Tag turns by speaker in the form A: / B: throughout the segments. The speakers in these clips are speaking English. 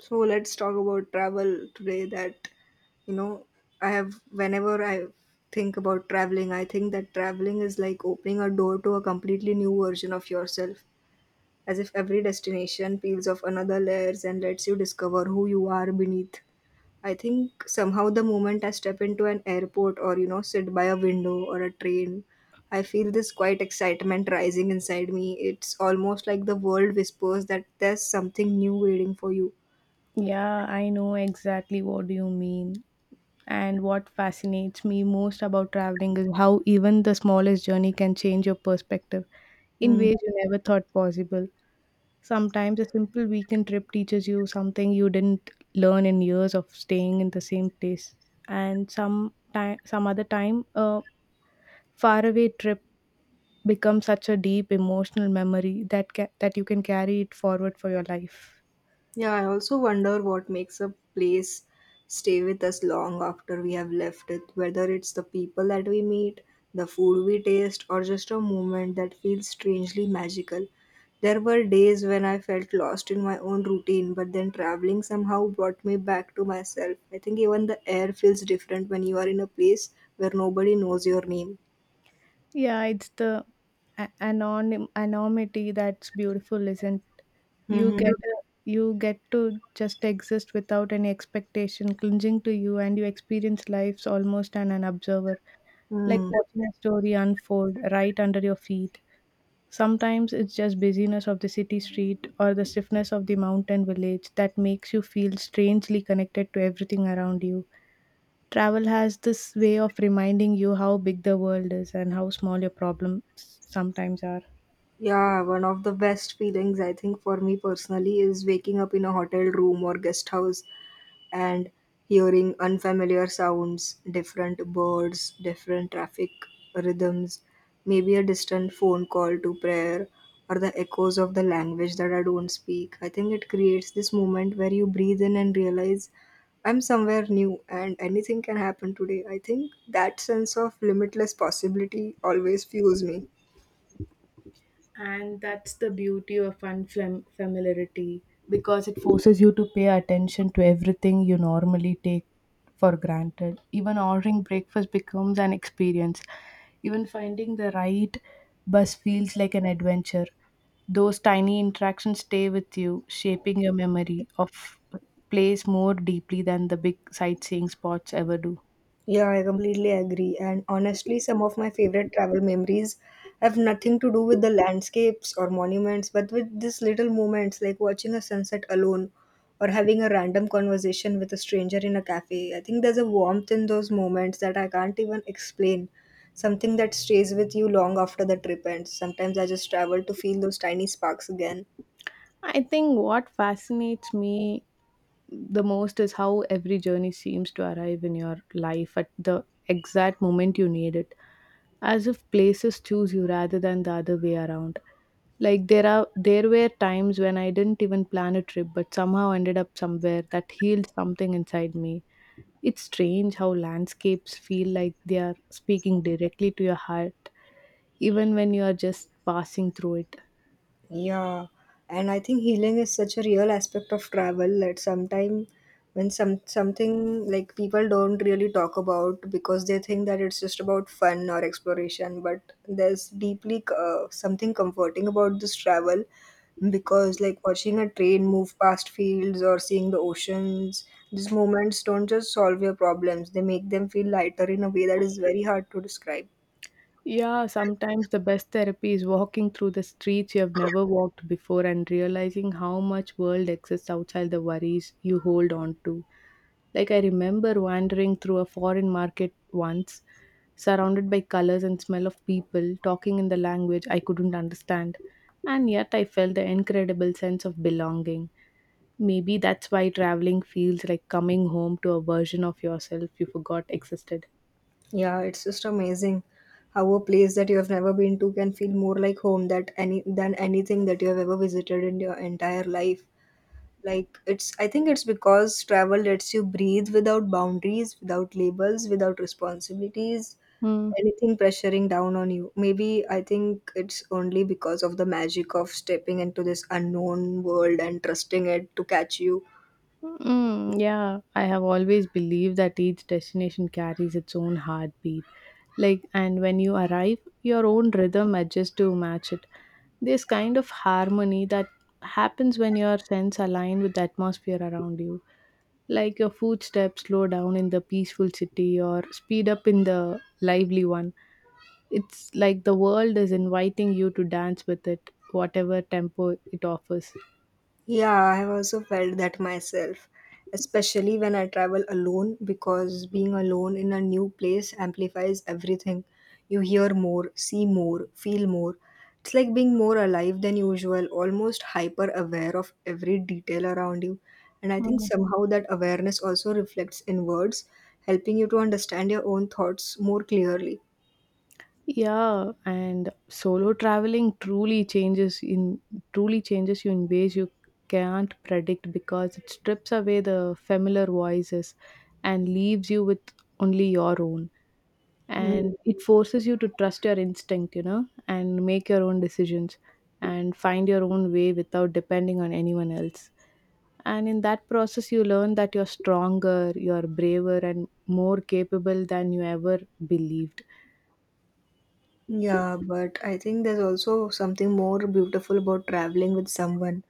A: So let's talk about travel today that you know I have whenever I think about traveling. I think that traveling is like opening a door to a completely new version of yourself, as if every destination peels off another layers and lets you discover who you are beneath. I think somehow the moment I step into an airport or sit by a window or a train, I feel this quiet excitement rising inside me. It's almost like the world whispers that there's something new waiting for you.
B: Yeah, I know exactly what you mean. And what fascinates me most about traveling is how even the smallest journey can change your perspective in
A: Mm.
B: ways you never thought possible. Sometimes a simple weekend trip teaches you something you didn't learn in years of staying in the same place. And some time, some other time, a faraway trip becomes such a deep emotional memory that you can carry it forward for your life.
A: Yeah, I also wonder what makes a place stay with us long after we have left it, whether it's the people that we meet, the food we taste, or just a moment that feels strangely magical. There were days when I felt lost in my own routine, but then traveling somehow brought me back to myself. I think even the air feels different when you are in a place where nobody knows your name.
B: Yeah, it's the anonymity that's beautiful, isn't... you
A: Mm-hmm. You
B: get a, you get to just exist without any expectation clinging to you, and you experience lives almost an observer, like
A: hmm
B: watching a story unfold right under your feet. Sometimes it's just busyness of the city street or the stiffness of the mountain village that makes you feel strangely connected to everything around you. Travel has this way of reminding you how big the world is and how small your problems sometimes are.
A: Yeah, one of the best feelings I think for me personally is waking up in a hotel room or guest house and hearing unfamiliar sounds, different birds, different traffic rhythms, maybe a distant phone call to prayer or the echoes of the language that I don't speak. I think it creates this moment where you breathe in and realize I'm somewhere new and anything can happen today. I think that sense of limitless possibility always fuels me.
B: And that's the beauty of unfamiliarity, because it forces you to pay attention to everything you normally take for granted. Even ordering breakfast becomes an experience. Even finding the right bus feels like an adventure. Those tiny interactions stay with you, shaping your memory of a place more deeply than the big sightseeing spots ever do.
A: Yeah, I completely agree. And honestly, some of my favorite travel memories have nothing to do with the landscapes or monuments, but with these little moments like watching a sunset alone or having a random conversation with a stranger in a cafe. I think there's a warmth in those moments that I can't even explain. Something that stays with you long after the trip ends. Sometimes I just travel to feel those tiny sparks again.
B: I think what fascinates me the most is how every journey seems to arrive in your life at the exact moment you need it, as if places choose you rather than the other way around. Like, there were times when I didn't even plan a trip but somehow ended up somewhere that healed something inside me. It's strange how landscapes feel like they are speaking directly to your heart, even when you are just passing through it.
A: Yeah, and I think healing is such a real aspect of travel that sometimes when something like people don't really talk about because they think that it's just about fun or exploration, but there's deeply something comforting about this travel, because like watching a train move past fields or seeing the oceans, these moments don't just solve your problems, they make them feel lighter in a way that is very hard to describe.
B: Yeah, sometimes the best therapy is walking through the streets you have never walked before and realizing how much world exists outside the worries you hold on to. Like, I remember wandering through a foreign market once, surrounded by colors and smell of people talking in the language I couldn't understand, and yet I felt the incredible sense of belonging. Maybe that's why traveling feels like coming home to a version of yourself you forgot existed.
A: Yeah, it's just amazing how a place that you have never been to can feel more like home that any than anything that you have ever visited in your entire life. Like it's I think it's because travel lets you breathe without boundaries, without labels, without responsibilities,
B: Hmm.
A: anything pressuring down on you. Maybe I think it's only because of the magic of stepping into this unknown world and trusting it to catch you.
B: Mm, yeah, I have always believed that each destination carries its own heartbeat. Like, and when you arrive, your own rhythm adjusts to match it. This kind of harmony that happens when your sense align with the atmosphere around you. Like your footsteps slow down in the peaceful city or speed up in the lively one. It's like the world is inviting you to dance with it, whatever tempo it offers.
A: Yeah, I have also felt that myself, especially when I travel alone, because being alone in a new place amplifies everything. You hear more, see more, feel more. It's like being more alive than usual, almost hyper aware of every detail around you. And I think somehow that awareness also reflects in words, helping you to understand your own thoughts more clearly.
B: Yeah, and solo traveling truly changes in truly changes you in ways you can't predict, because it strips away the familiar voices and leaves you with only your own.
A: Hmm.
B: And it forces you to trust your instinct, you know, and make your own decisions and find your own way without depending on anyone else. And in that process, you learn that you're stronger, you're braver, and more capable than you ever believed.
A: Yeah, but I think there's also something more beautiful about traveling with someone,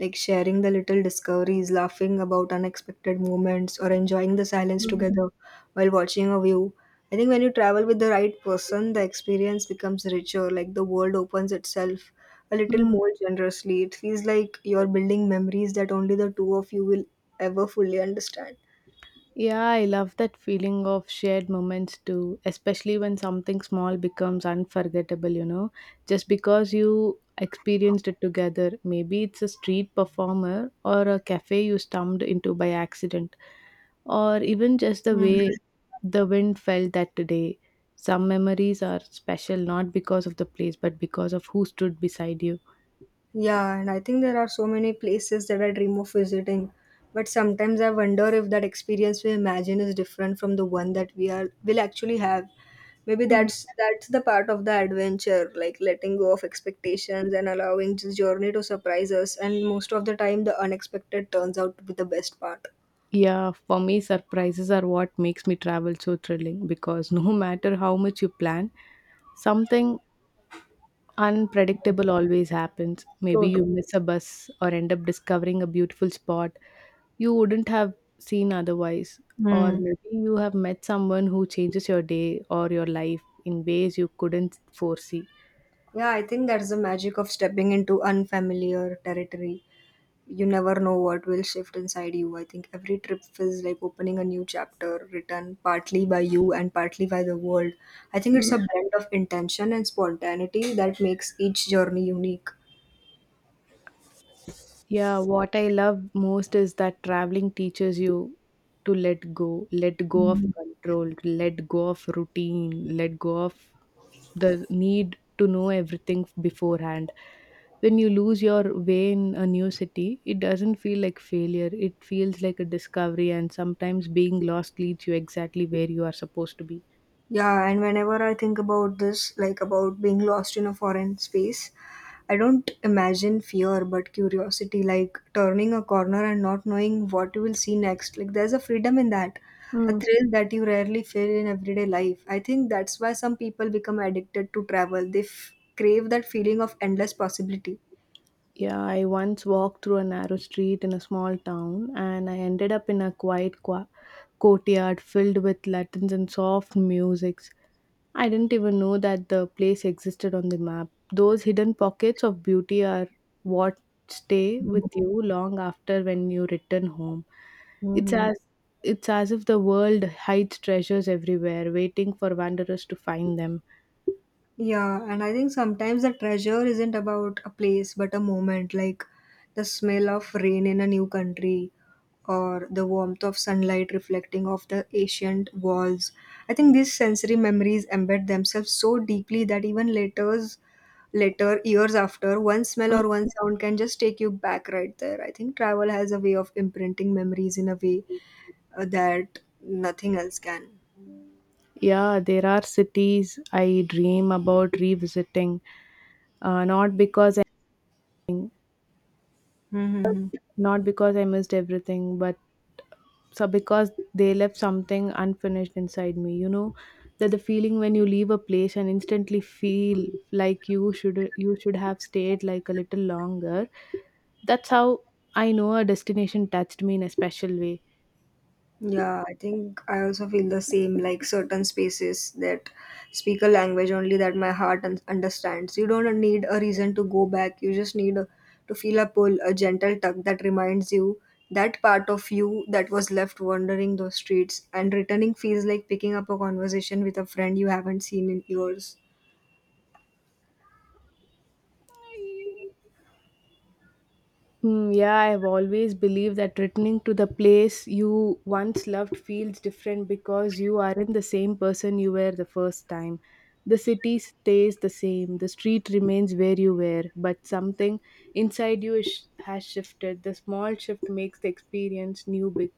A: like sharing the little discoveries, laughing about unexpected moments, or enjoying the silence together while watching a view. I think when you travel with the right person, the experience becomes richer, like the world opens itself a little more generously. It feels like you're building memories that only the two of you will ever fully understand.
B: Yeah, I love that feeling of shared moments too, especially when something small becomes unforgettable, you know, just because you experienced it together. Maybe it's a street performer or a cafe you stumbled into by accident, or even just the
A: Mhm.
B: way the wind felt that day. Some memories are special not because of the place but because of who stood beside you.
A: Yeah, and I think there are so many places that I dream of visiting. But sometimes I wonder if that experience we imagine is different from the one that we are will actually have. Maybe that's the part of the adventure, like letting go of expectations and allowing this journey to surprise us. And most of the time, the unexpected turns out to be the best part.
B: Yeah, for me, surprises are what makes me travel so thrilling, because no matter how much you plan, something unpredictable always happens. Maybe
A: So
B: you
A: true.
B: miss a bus or end up discovering a beautiful spot you wouldn't have seen otherwise, or
A: Hmm.
B: maybe you have met someone who changes your day or your life in ways you couldn't foresee.
A: Yeah, I think that's the magic of stepping into unfamiliar territory. You never know what will shift inside you. I think every trip feels like opening a new chapter written partly by you and partly by the world. I think it's a blend of intention and spontaneity that makes each journey unique.
B: Yeah, what I love most is that traveling teaches you to let go of control, to let go of routine, let go of the need to know everything beforehand. When you lose your way in a new city, it doesn't feel like failure. It feels like a discovery, and sometimes being lost leads you exactly where you are supposed to be.
A: Yeah, and whenever I think about this, like about being lost in a foreign space, I don't imagine fear but curiosity, like turning a corner and not knowing what you will see next. Like there's a freedom in that, a thrill that you rarely feel in everyday life. I think that's why some people become addicted to travel. Crave that feeling of endless possibility.
B: Yeah, I once walked through a narrow street in a small town, and I ended up in a courtyard filled with Latins and soft musics. I didn't even know that the place existed on the map. Those hidden pockets of beauty are what stay with you long after when you return home. It's
A: Mhm.
B: as it's as if the world hides treasures everywhere, waiting for wanderers to find them.
A: Yeah, and I think sometimes the treasure isn't about a place but a moment, like the smell of rain in a new country or the warmth of sunlight reflecting off the ancient walls. I think these sensory memories embed themselves so deeply that even later years after one smell
B: Mm.
A: or one sound can just take you back right there. I think travel has a way of imprinting memories in a way that nothing else can.
B: Yeah, there are cities I dream about revisiting, not because I,
A: Mm-hmm.
B: not because I missed everything, but so because they left something unfinished inside me. You know that the feeling when you leave a place and instantly feel like you should have stayed, like a little longer. That's how I know a destination touched me in a special way.
A: Yeah, I think I also feel the same. Like certain spaces that speak a language only that my heart understands. You don't need a reason to go back. You just need to feel a pull, a gentle tug that reminds you that part of you that was left wandering those streets. And returning feels like picking up a conversation with a friend you haven't seen in years.
B: Mm, yeah, I've always believed that returning to the place you once loved feels different, because you aren't the same person you were the first time. The city stays the same, the street remains where you were, but something inside you is, has shifted. The small shift makes the experience new,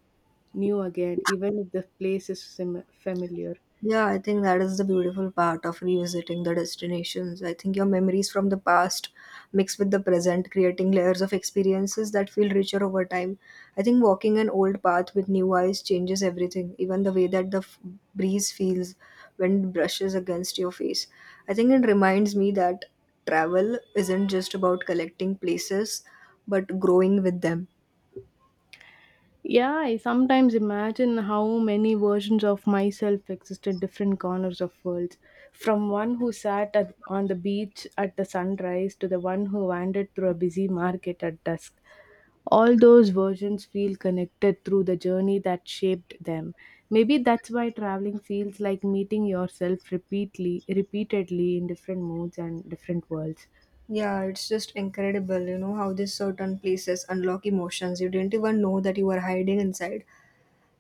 B: new again, even if the place is familiar.
A: Yeah, I think that is the beautiful part of revisiting the destinations. I think your memories from the past mixed with the present, creating layers of experiences that feel richer over time. I think walking an old path with new eyes changes everything, even the way that the breeze feels when it brushes against your face. I think it reminds me that travel isn't just about collecting places, but growing with them.
B: Yeah, I sometimes imagine how many versions of myself existed different corners of worlds. From one who on the beach at the sunrise to the one who wandered through a busy market at dusk. All those versions feel connected through the journey that shaped them. Maybe that's why traveling feels like meeting yourself repeatedly in different moods and different worlds.
A: Yeah, it's just incredible, you know, how these certain places unlock emotions you didn't even know that you were hiding inside.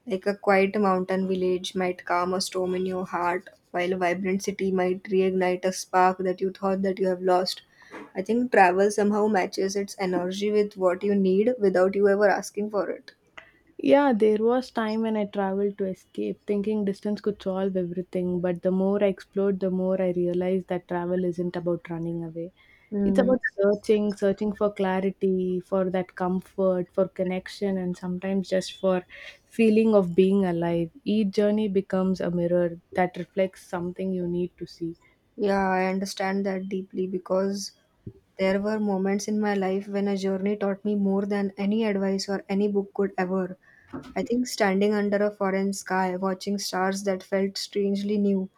A: Like a quiet mountain village might calm a storm in your heart, while a vibrant city might reignite a spark that you thought that you have lost. I think travel somehow matches its energy with what you need without you ever asking for it.
B: Yeah, there was time when I traveled to escape, thinking distance could solve everything. But the more I explored, the more I realized that travel isn't about running away. It's
A: Hmm.
B: about searching, searching for clarity, for that comfort, for connection, and sometimes just for feeling of being alive. Each journey becomes a mirror that reflects something you need to see.
A: Yeah, I understand that deeply because there were moments in my life when a journey taught me more than any advice or any book could ever. I think standing under a foreign sky, watching stars that felt strangely new,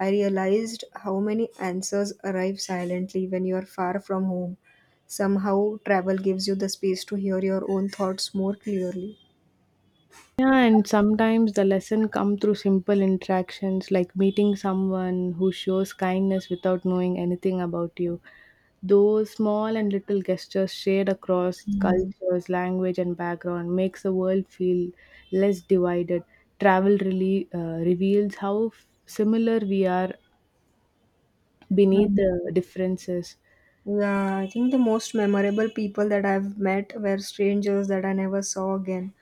A: I realized how many answers arrive silently when you are far from home. Somehow, travel gives you the space to hear your own thoughts more clearly.
B: Yeah, and sometimes the lesson come through simple interactions, like meeting someone who shows kindness without knowing anything about you. Those small and little gestures shared across
A: Mhm.
B: cultures, language, and background makes the world feel less divided. Travel really reveals how similar we are beneath the differences.
A: Yeah, I think the most memorable people that I've met were strangers that I never saw again,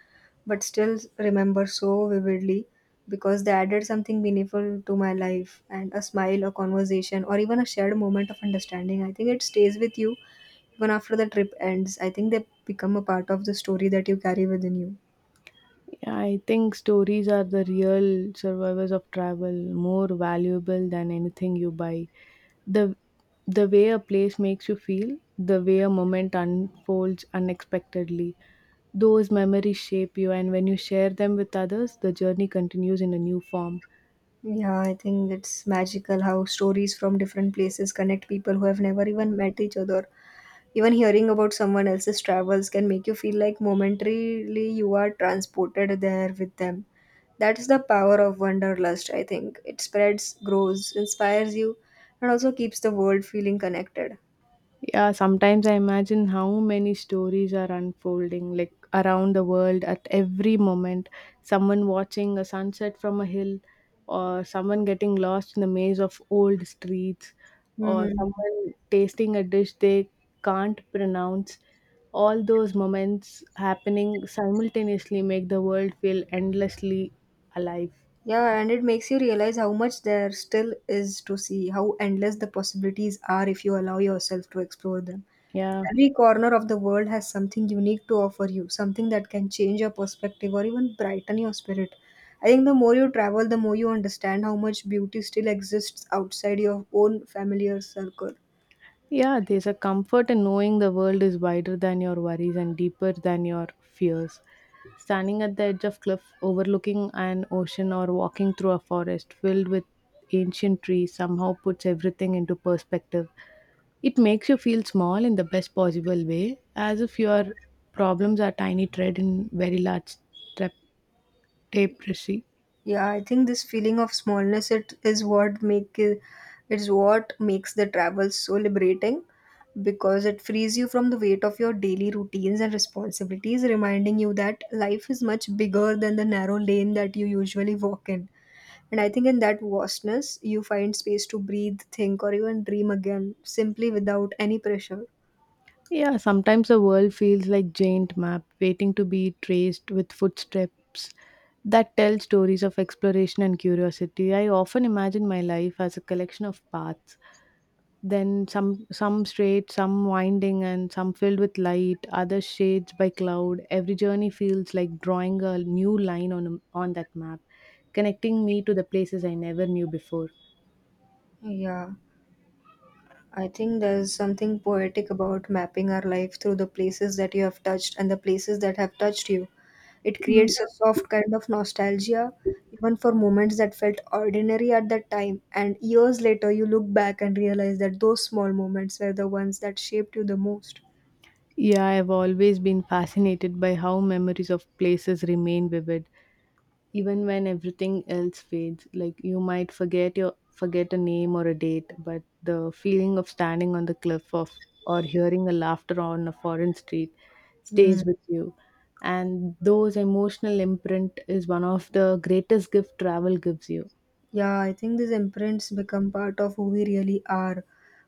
A: but still remember so vividly because they added something meaningful to my life and a smile, a conversation, or even a shared moment of understanding. I think it stays with you even after the trip ends. I think they become a part of the story that you carry within you.
B: Yeah, I think stories are the real survivors of travel, more valuable than anything you buy. The the way a place makes you feel, the way a moment unfolds unexpectedly. Those memories shape you, and when you share them with others, the journey continues in a new form.
A: Yeah, I think it's magical how stories from different places connect people who have never even met each other. Even hearing about someone else's travels can make you feel like momentarily you are transported there with them. That is the power of wanderlust, I think. It spreads, grows, inspires you, and also keeps the world feeling connected.
B: Yeah, sometimes I imagine how many stories are unfolding, like around the world at every moment. Someone watching a sunset from a hill, or someone getting lost in the maze of old streets, or
A: Hmm.
B: someone tasting a dish they can't pronounce. All those moments happening simultaneously make the world feel endlessly alive.
A: Yeah, and it makes you realize how much there still is to see, how endless the possibilities are if you allow yourself to explore them.
B: Yeah.
A: Every corner of the world has something unique to offer you, something that can change your perspective or even brighten your spirit. I think the more you travel, the more you understand how much beauty still exists outside your own familiar circle.
B: Yeah, there's a comfort in knowing the world is wider than your worries and deeper than your fears. Standing at the edge of cliff overlooking an ocean or walking through a forest filled with ancient trees somehow puts everything into perspective. It makes you feel small in the best possible way, as if your problems are tiny thread in very large tap- tapestry.
A: Yeah, I think this feeling of smallness it is what make it is what makes the travel so liberating, because it frees you from the weight of your daily routines and responsibilities, reminding you that life is much bigger than the narrow lane that you usually walk in. And I think in that vastness, you find space to breathe, think, or even dream again, simply without any pressure.
B: Yeah, sometimes the world feels like giant map waiting to be traced with footsteps that tell stories of exploration and curiosity. I often imagine my life as a collection of paths, then some straight, some winding, and some filled with light, other shades by cloud. Every journey feels like drawing a new line on that map, connecting me to the places I never knew before.
A: Yeah, I think there's something poetic about mapping our life through the places that you have touched and the places that have touched you. It creates a soft kind of nostalgia, even for moments that felt ordinary at that time. And years later, you look back and realize that those small moments were the ones that shaped you the most.
B: Yeah, I've always been fascinated by how memories of places remain vivid even when everything else fades, like you might forget a name or a date, but the feeling of standing on the cliff of, or hearing a laughter on a foreign street,
A: Hmm.
B: stays with you. And those emotional imprint is one of the greatest gift travel gives you.
A: Yeah, I think these imprints become part of who we really are,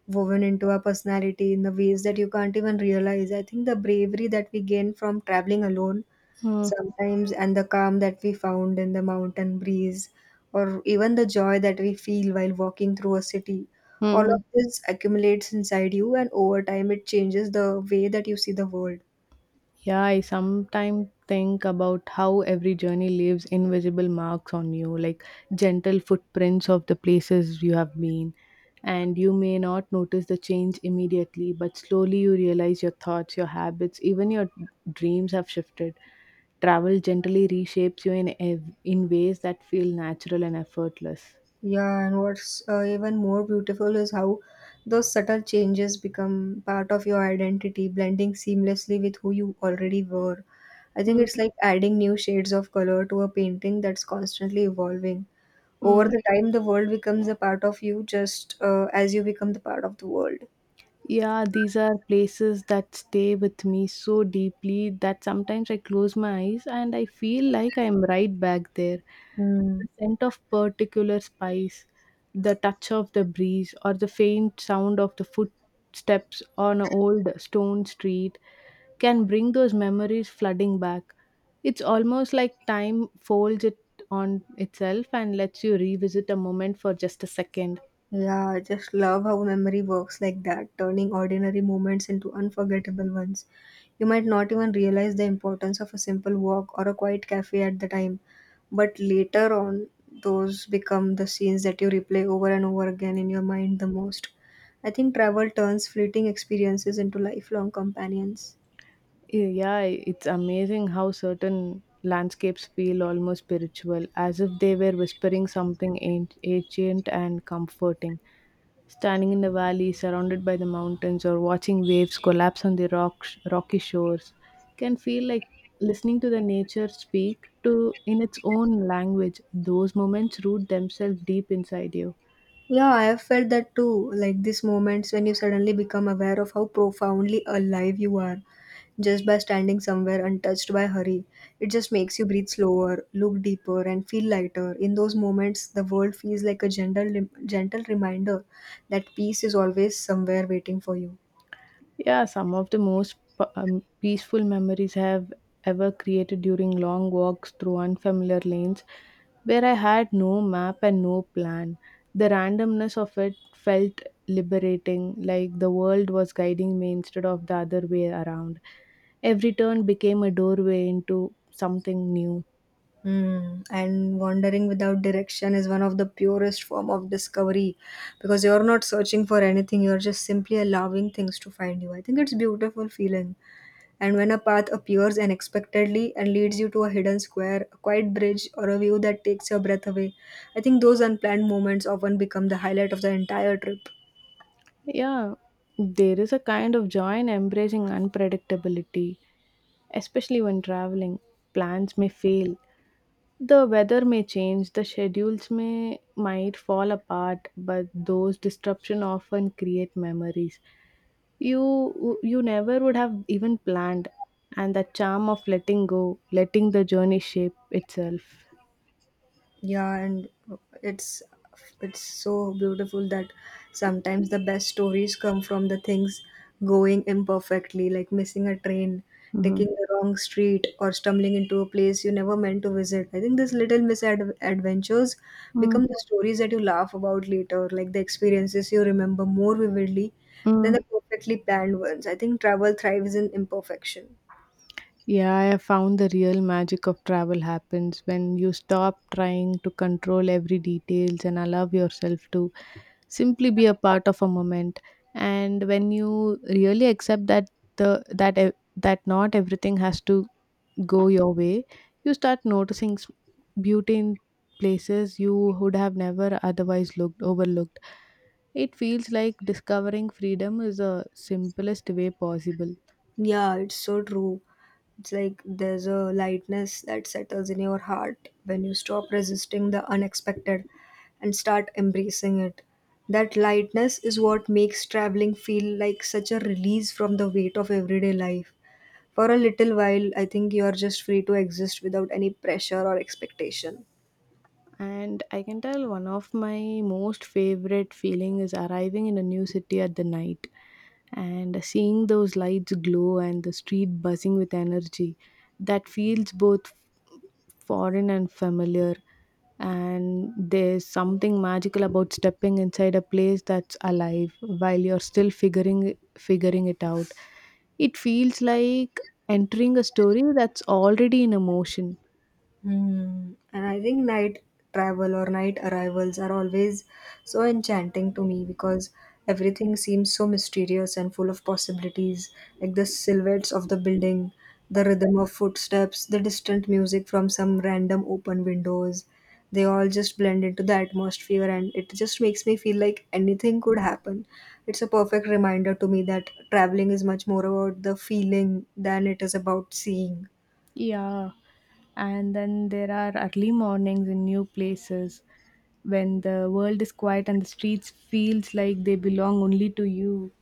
A: woven into our personality in the ways that you can't even realize. I think the bravery that we gain from traveling alone sometimes, and the calm that we found in the mountain breeze, or even the joy that we feel while walking through a city, all of
B: Mm-hmm.
A: this accumulates inside you, and over time, it changes the way that you see the world.
B: Yeah, I sometimes think about how every journey leaves invisible marks on you, like gentle footprints of the places you have been. And you may not notice the change immediately, but slowly you realize your thoughts, your habits, even your dreams have shifted. Travel gently reshapes you in, in ways that feel natural and effortless.
A: Yeah, and what's even more beautiful is how those subtle changes become part of your identity, blending seamlessly with who you already were. I think
B: Mm.
A: it's like adding new shades of color to a painting that's constantly evolving. Over
B: Mm.
A: the time, the world becomes a part of you just as you become the part of the world.
B: Yeah, these are places that stay with me so deeply that sometimes I close my eyes and I feel like I'm right back there.
A: Hmm.
B: The scent of particular spice, the touch of the breeze, or the faint sound of the footsteps on an old stone street can bring those memories flooding back. It's almost like time folds it on itself and lets you revisit a moment for just a second.
A: Yeah, I just love how memory works like that, turning ordinary moments into unforgettable ones. You might not even realize the importance of a simple walk or a quiet cafe at the time, but later on, those become the scenes that you replay over and over again in your mind the most. I think travel turns fleeting experiences into lifelong companions.
B: Yeah, it's amazing how certain landscapes feel almost spiritual, as if they were whispering something ancient and comforting. Standing in the valley, surrounded by the mountains, or watching waves collapse on the rocky shores, can feel like listening to the nature speak to in its own language. Those moments root themselves deep inside you.
A: Yeah, I have felt that too. Like these moments when you suddenly become aware of how profoundly alive you are just by standing somewhere untouched by hurry. It just makes you breathe slower, look deeper, and feel lighter. In those moments, the world feels like a gentle, gentle reminder that peace is always somewhere waiting for you.
B: Yeah, some of the most peaceful memories I have ever created during long walks through unfamiliar lanes where I had no map and no plan. The randomness of it felt liberating, like the world was guiding me instead of the other way around. Every turn became a doorway into something new.
A: Hmm. And wandering without direction is one of the purest form of discovery because you're not searching for anything, you're just simply allowing things to find you. I think it's beautiful feeling. And when a path appears unexpectedly and leads you to a hidden square, a quiet bridge, or a view that takes your breath away, I think those unplanned moments often become the highlight of the entire trip.
B: Yeah, there is a kind of joy in embracing unpredictability, especially when traveling. Plans may fail. The weather may change, the schedules may might fall apart, but those disruption often create memories you never would have even planned, and the charm of letting go, letting the journey shape itself.
A: Yeah, and it's it's so beautiful that sometimes the best stories come from the things going imperfectly, like missing a train,
B: Mm-hmm.
A: taking the wrong street, or stumbling into a place you never meant to visit. I think these little misadventures
B: Mm-hmm.
A: become the stories that you laugh about later, like the experiences you remember more vividly than the perfectly planned ones. I think travel thrives in imperfection.
B: Yeah, I have found the real magic of travel happens when you stop trying to control every details and allow yourself to simply be a part of a moment. And when you really accept that that not everything has to go your way, you start noticing beauty in places you would have never otherwise looked overlooked. It feels like discovering freedom is the simplest way possible.
A: Yeah, it's so true. It's like there's a lightness that settles in your heart when you stop resisting the unexpected and start embracing it. That lightness is what makes traveling feel like such a release from the weight of everyday life. For a little while, I think you are just free to exist without any pressure or expectation.
B: And I can tell one of my most favorite feeling is arriving in a new city at the night and seeing those lights glow and the street buzzing with energy that feels both foreign and familiar, and there's something magical about stepping inside a place that's alive while you're still figuring it out. It feels like entering a story that's already in a motion.
A: Hmm. And I think night travel or night arrivals are always so enchanting to me because everything seems so mysterious and full of possibilities, like the silhouettes of the building, the rhythm of footsteps, the distant music from some random open windows. They all just blend into the atmosphere, and it just makes me feel like anything could happen. It's a perfect reminder to me that traveling is much more about the feeling than it is about seeing.
B: Yeah, and then there are early mornings in new places when the world is quiet and the streets feels like they belong only to you.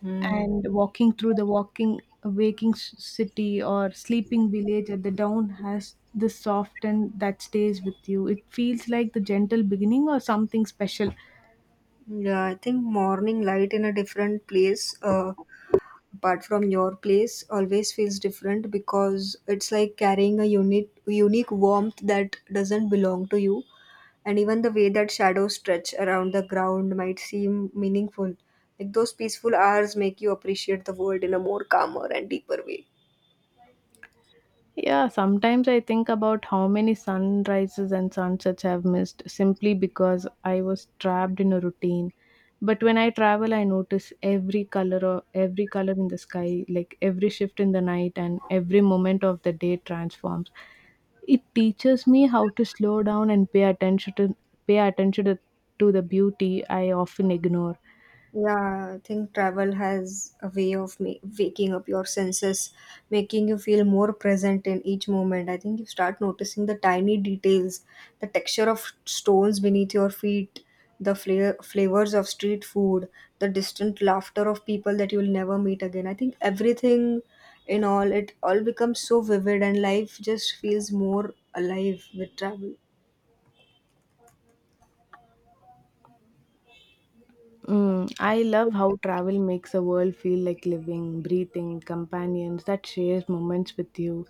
A: Hmm.
B: And walking through the walking waking city or sleeping village at the dawn has this soft and that stays with you. It feels like the gentle beginning or something special.
A: Yeah, I think morning light in a different place, apart from your place, always feels different because it's like carrying a unique, unique warmth that doesn't belong to you. And even the way that shadows stretch around the ground might seem meaningful. Like those peaceful hours make you appreciate the world in a more calmer and deeper way.
B: Yeah, sometimes I think about how many sunrises and sunsets I've missed simply because I was trapped in a routine. But when I travel, I notice every color in the sky, like every shift in the night and every moment of the day transforms. It teaches me how to slow down and pay attention to the beauty I often ignore.
A: Yeah, I think travel has a way of waking up your senses, making you feel more present in each moment. I think you start noticing the tiny details, the texture of stones beneath your feet, the flavors of street food, the distant laughter of people that you'll never meet again. I think everything in all, it all becomes so vivid, and life just feels more alive with travel.
B: Mm, I love how travel makes a world feel like living, breathing, companions that shares moments with you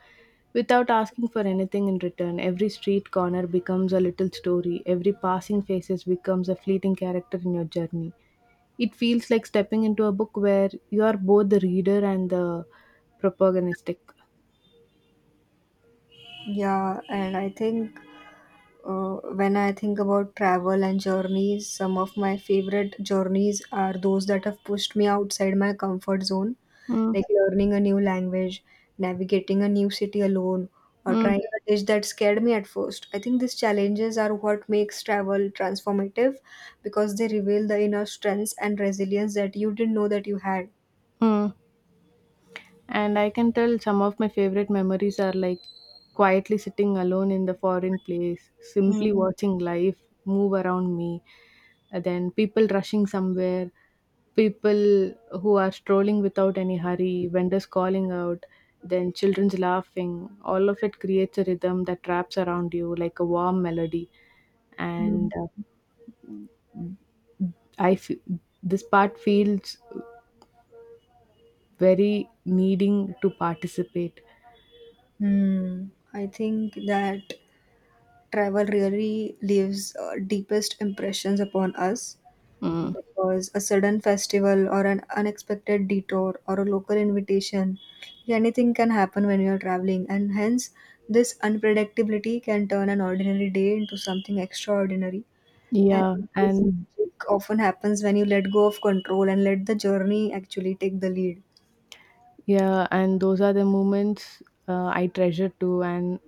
B: without asking for anything in return. Every street corner becomes a little story, every passing faces becomes a fleeting character in your journey. It feels like stepping into a book where you are both the reader and the protagonistic.
A: Yeah, and I think when I think about travel and journeys, some of my favorite journeys are those that have pushed me outside my comfort zone,
B: Mm,
A: like learning a new language, navigating a new city alone, or
B: mm,
A: trying a dish that scared me at first. I think these challenges are what makes travel transformative because they reveal the inner strengths and resilience that you didn't know that you had.
B: mm. And I can tell some of my favorite memories are like quietly sitting alone in the foreign place,
A: Mm.
B: simply watching life move around me, and then people rushing somewhere, people who are strolling without any hurry, vendors calling out, then children's laughing. All of it creates a rhythm that wraps around you like a warm melody.
A: Mm.
B: And I feel this part feels very needing to participate.
A: Hmm. I think that travel really leaves deepest impressions upon us
B: Mm.
A: because a sudden festival or an unexpected detour or a local invitation, anything can happen when you are traveling, and hence this unpredictability can turn an ordinary day into something extraordinary, and
B: Yeah,
A: this
B: and
A: magic often happens when you let go of control and let the journey actually take the lead.
B: yeah, and those are the moments I treasure too, and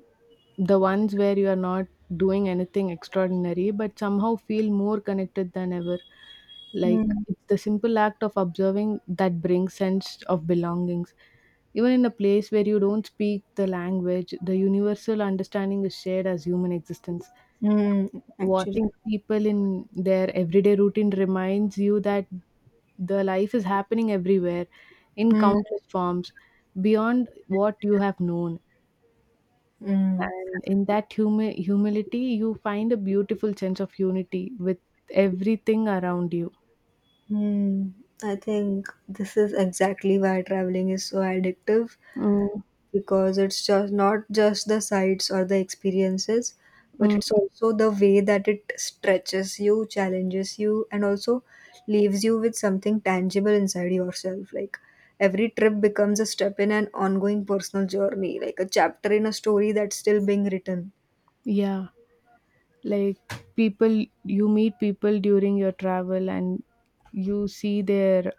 B: the ones where you are not doing anything extraordinary, but somehow feel more connected than ever. Like
A: Hmm.
B: it's the simple act of observing that brings sense of belongings. Even in a place where you don't speak the language, the universal understanding is shared as human existence.
A: Hmm. Actually.
B: Watching people in their everyday routine reminds you that the life is happening everywhere in
A: Hmm.
B: countless forms beyond what you have known.
A: Hmm.
B: And in that humility, you find a beautiful sense of unity with everything around you.
A: Hmm. I think this is exactly why traveling is so addictive
B: Mm,
A: because it's just not just the sights or the experiences, but
B: mm,
A: it's also the way that it stretches you, challenges you, and also leaves you with something tangible inside yourself, like every trip becomes a step in an ongoing personal journey, like a chapter in a story that's still being written.
B: yeah, like people, you meet people during your travel and you see their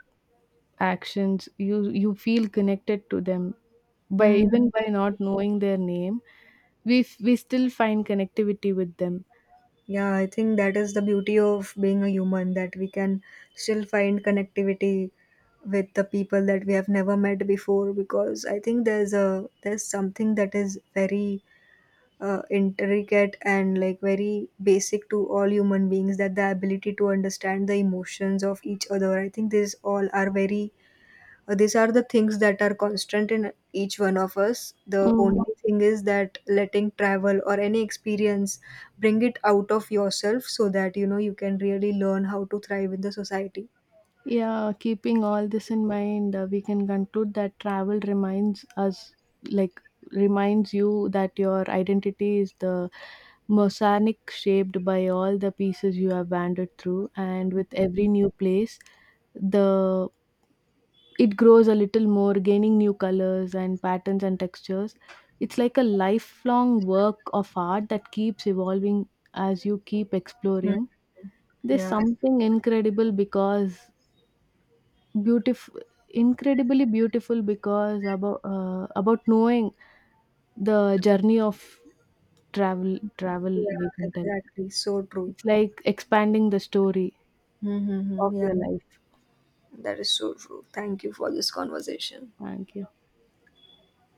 B: actions, you feel connected to them. By even by not knowing their name, we still find connectivity with them.
A: Yeah, I think that is the beauty of being a human, that we can still find connectivity with the people that we have never met before, because I think there's something that is very intricate and like very basic to all human beings, that the ability to understand the emotions of each other. I think these all are very these are the things that are constant in each one of us. The
B: Mm.
A: only thing is that letting travel or any experience bring it out of yourself so that you know you can really learn how to thrive in the society.
B: Yeah, keeping all this in mind, we can conclude that travel reminds us, like, reminds you that your identity is the mosaic shaped by all the pieces you have wandered through, and with every new place, the it grows a little more, gaining new colors and patterns and textures. It's like a lifelong work of art that keeps evolving as you keep
A: Hmm.
B: exploring. There's
A: Yeah,
B: something incredible because Beautiful, incredibly beautiful because about knowing the journey of travel
A: yeah,
B: we can tell.
A: exactly. So true.
B: It's like expanding the story of
A: Mm-hmm. Yeah,
B: your life.
A: that is so true. Thank you for this conversation.
B: Thank you.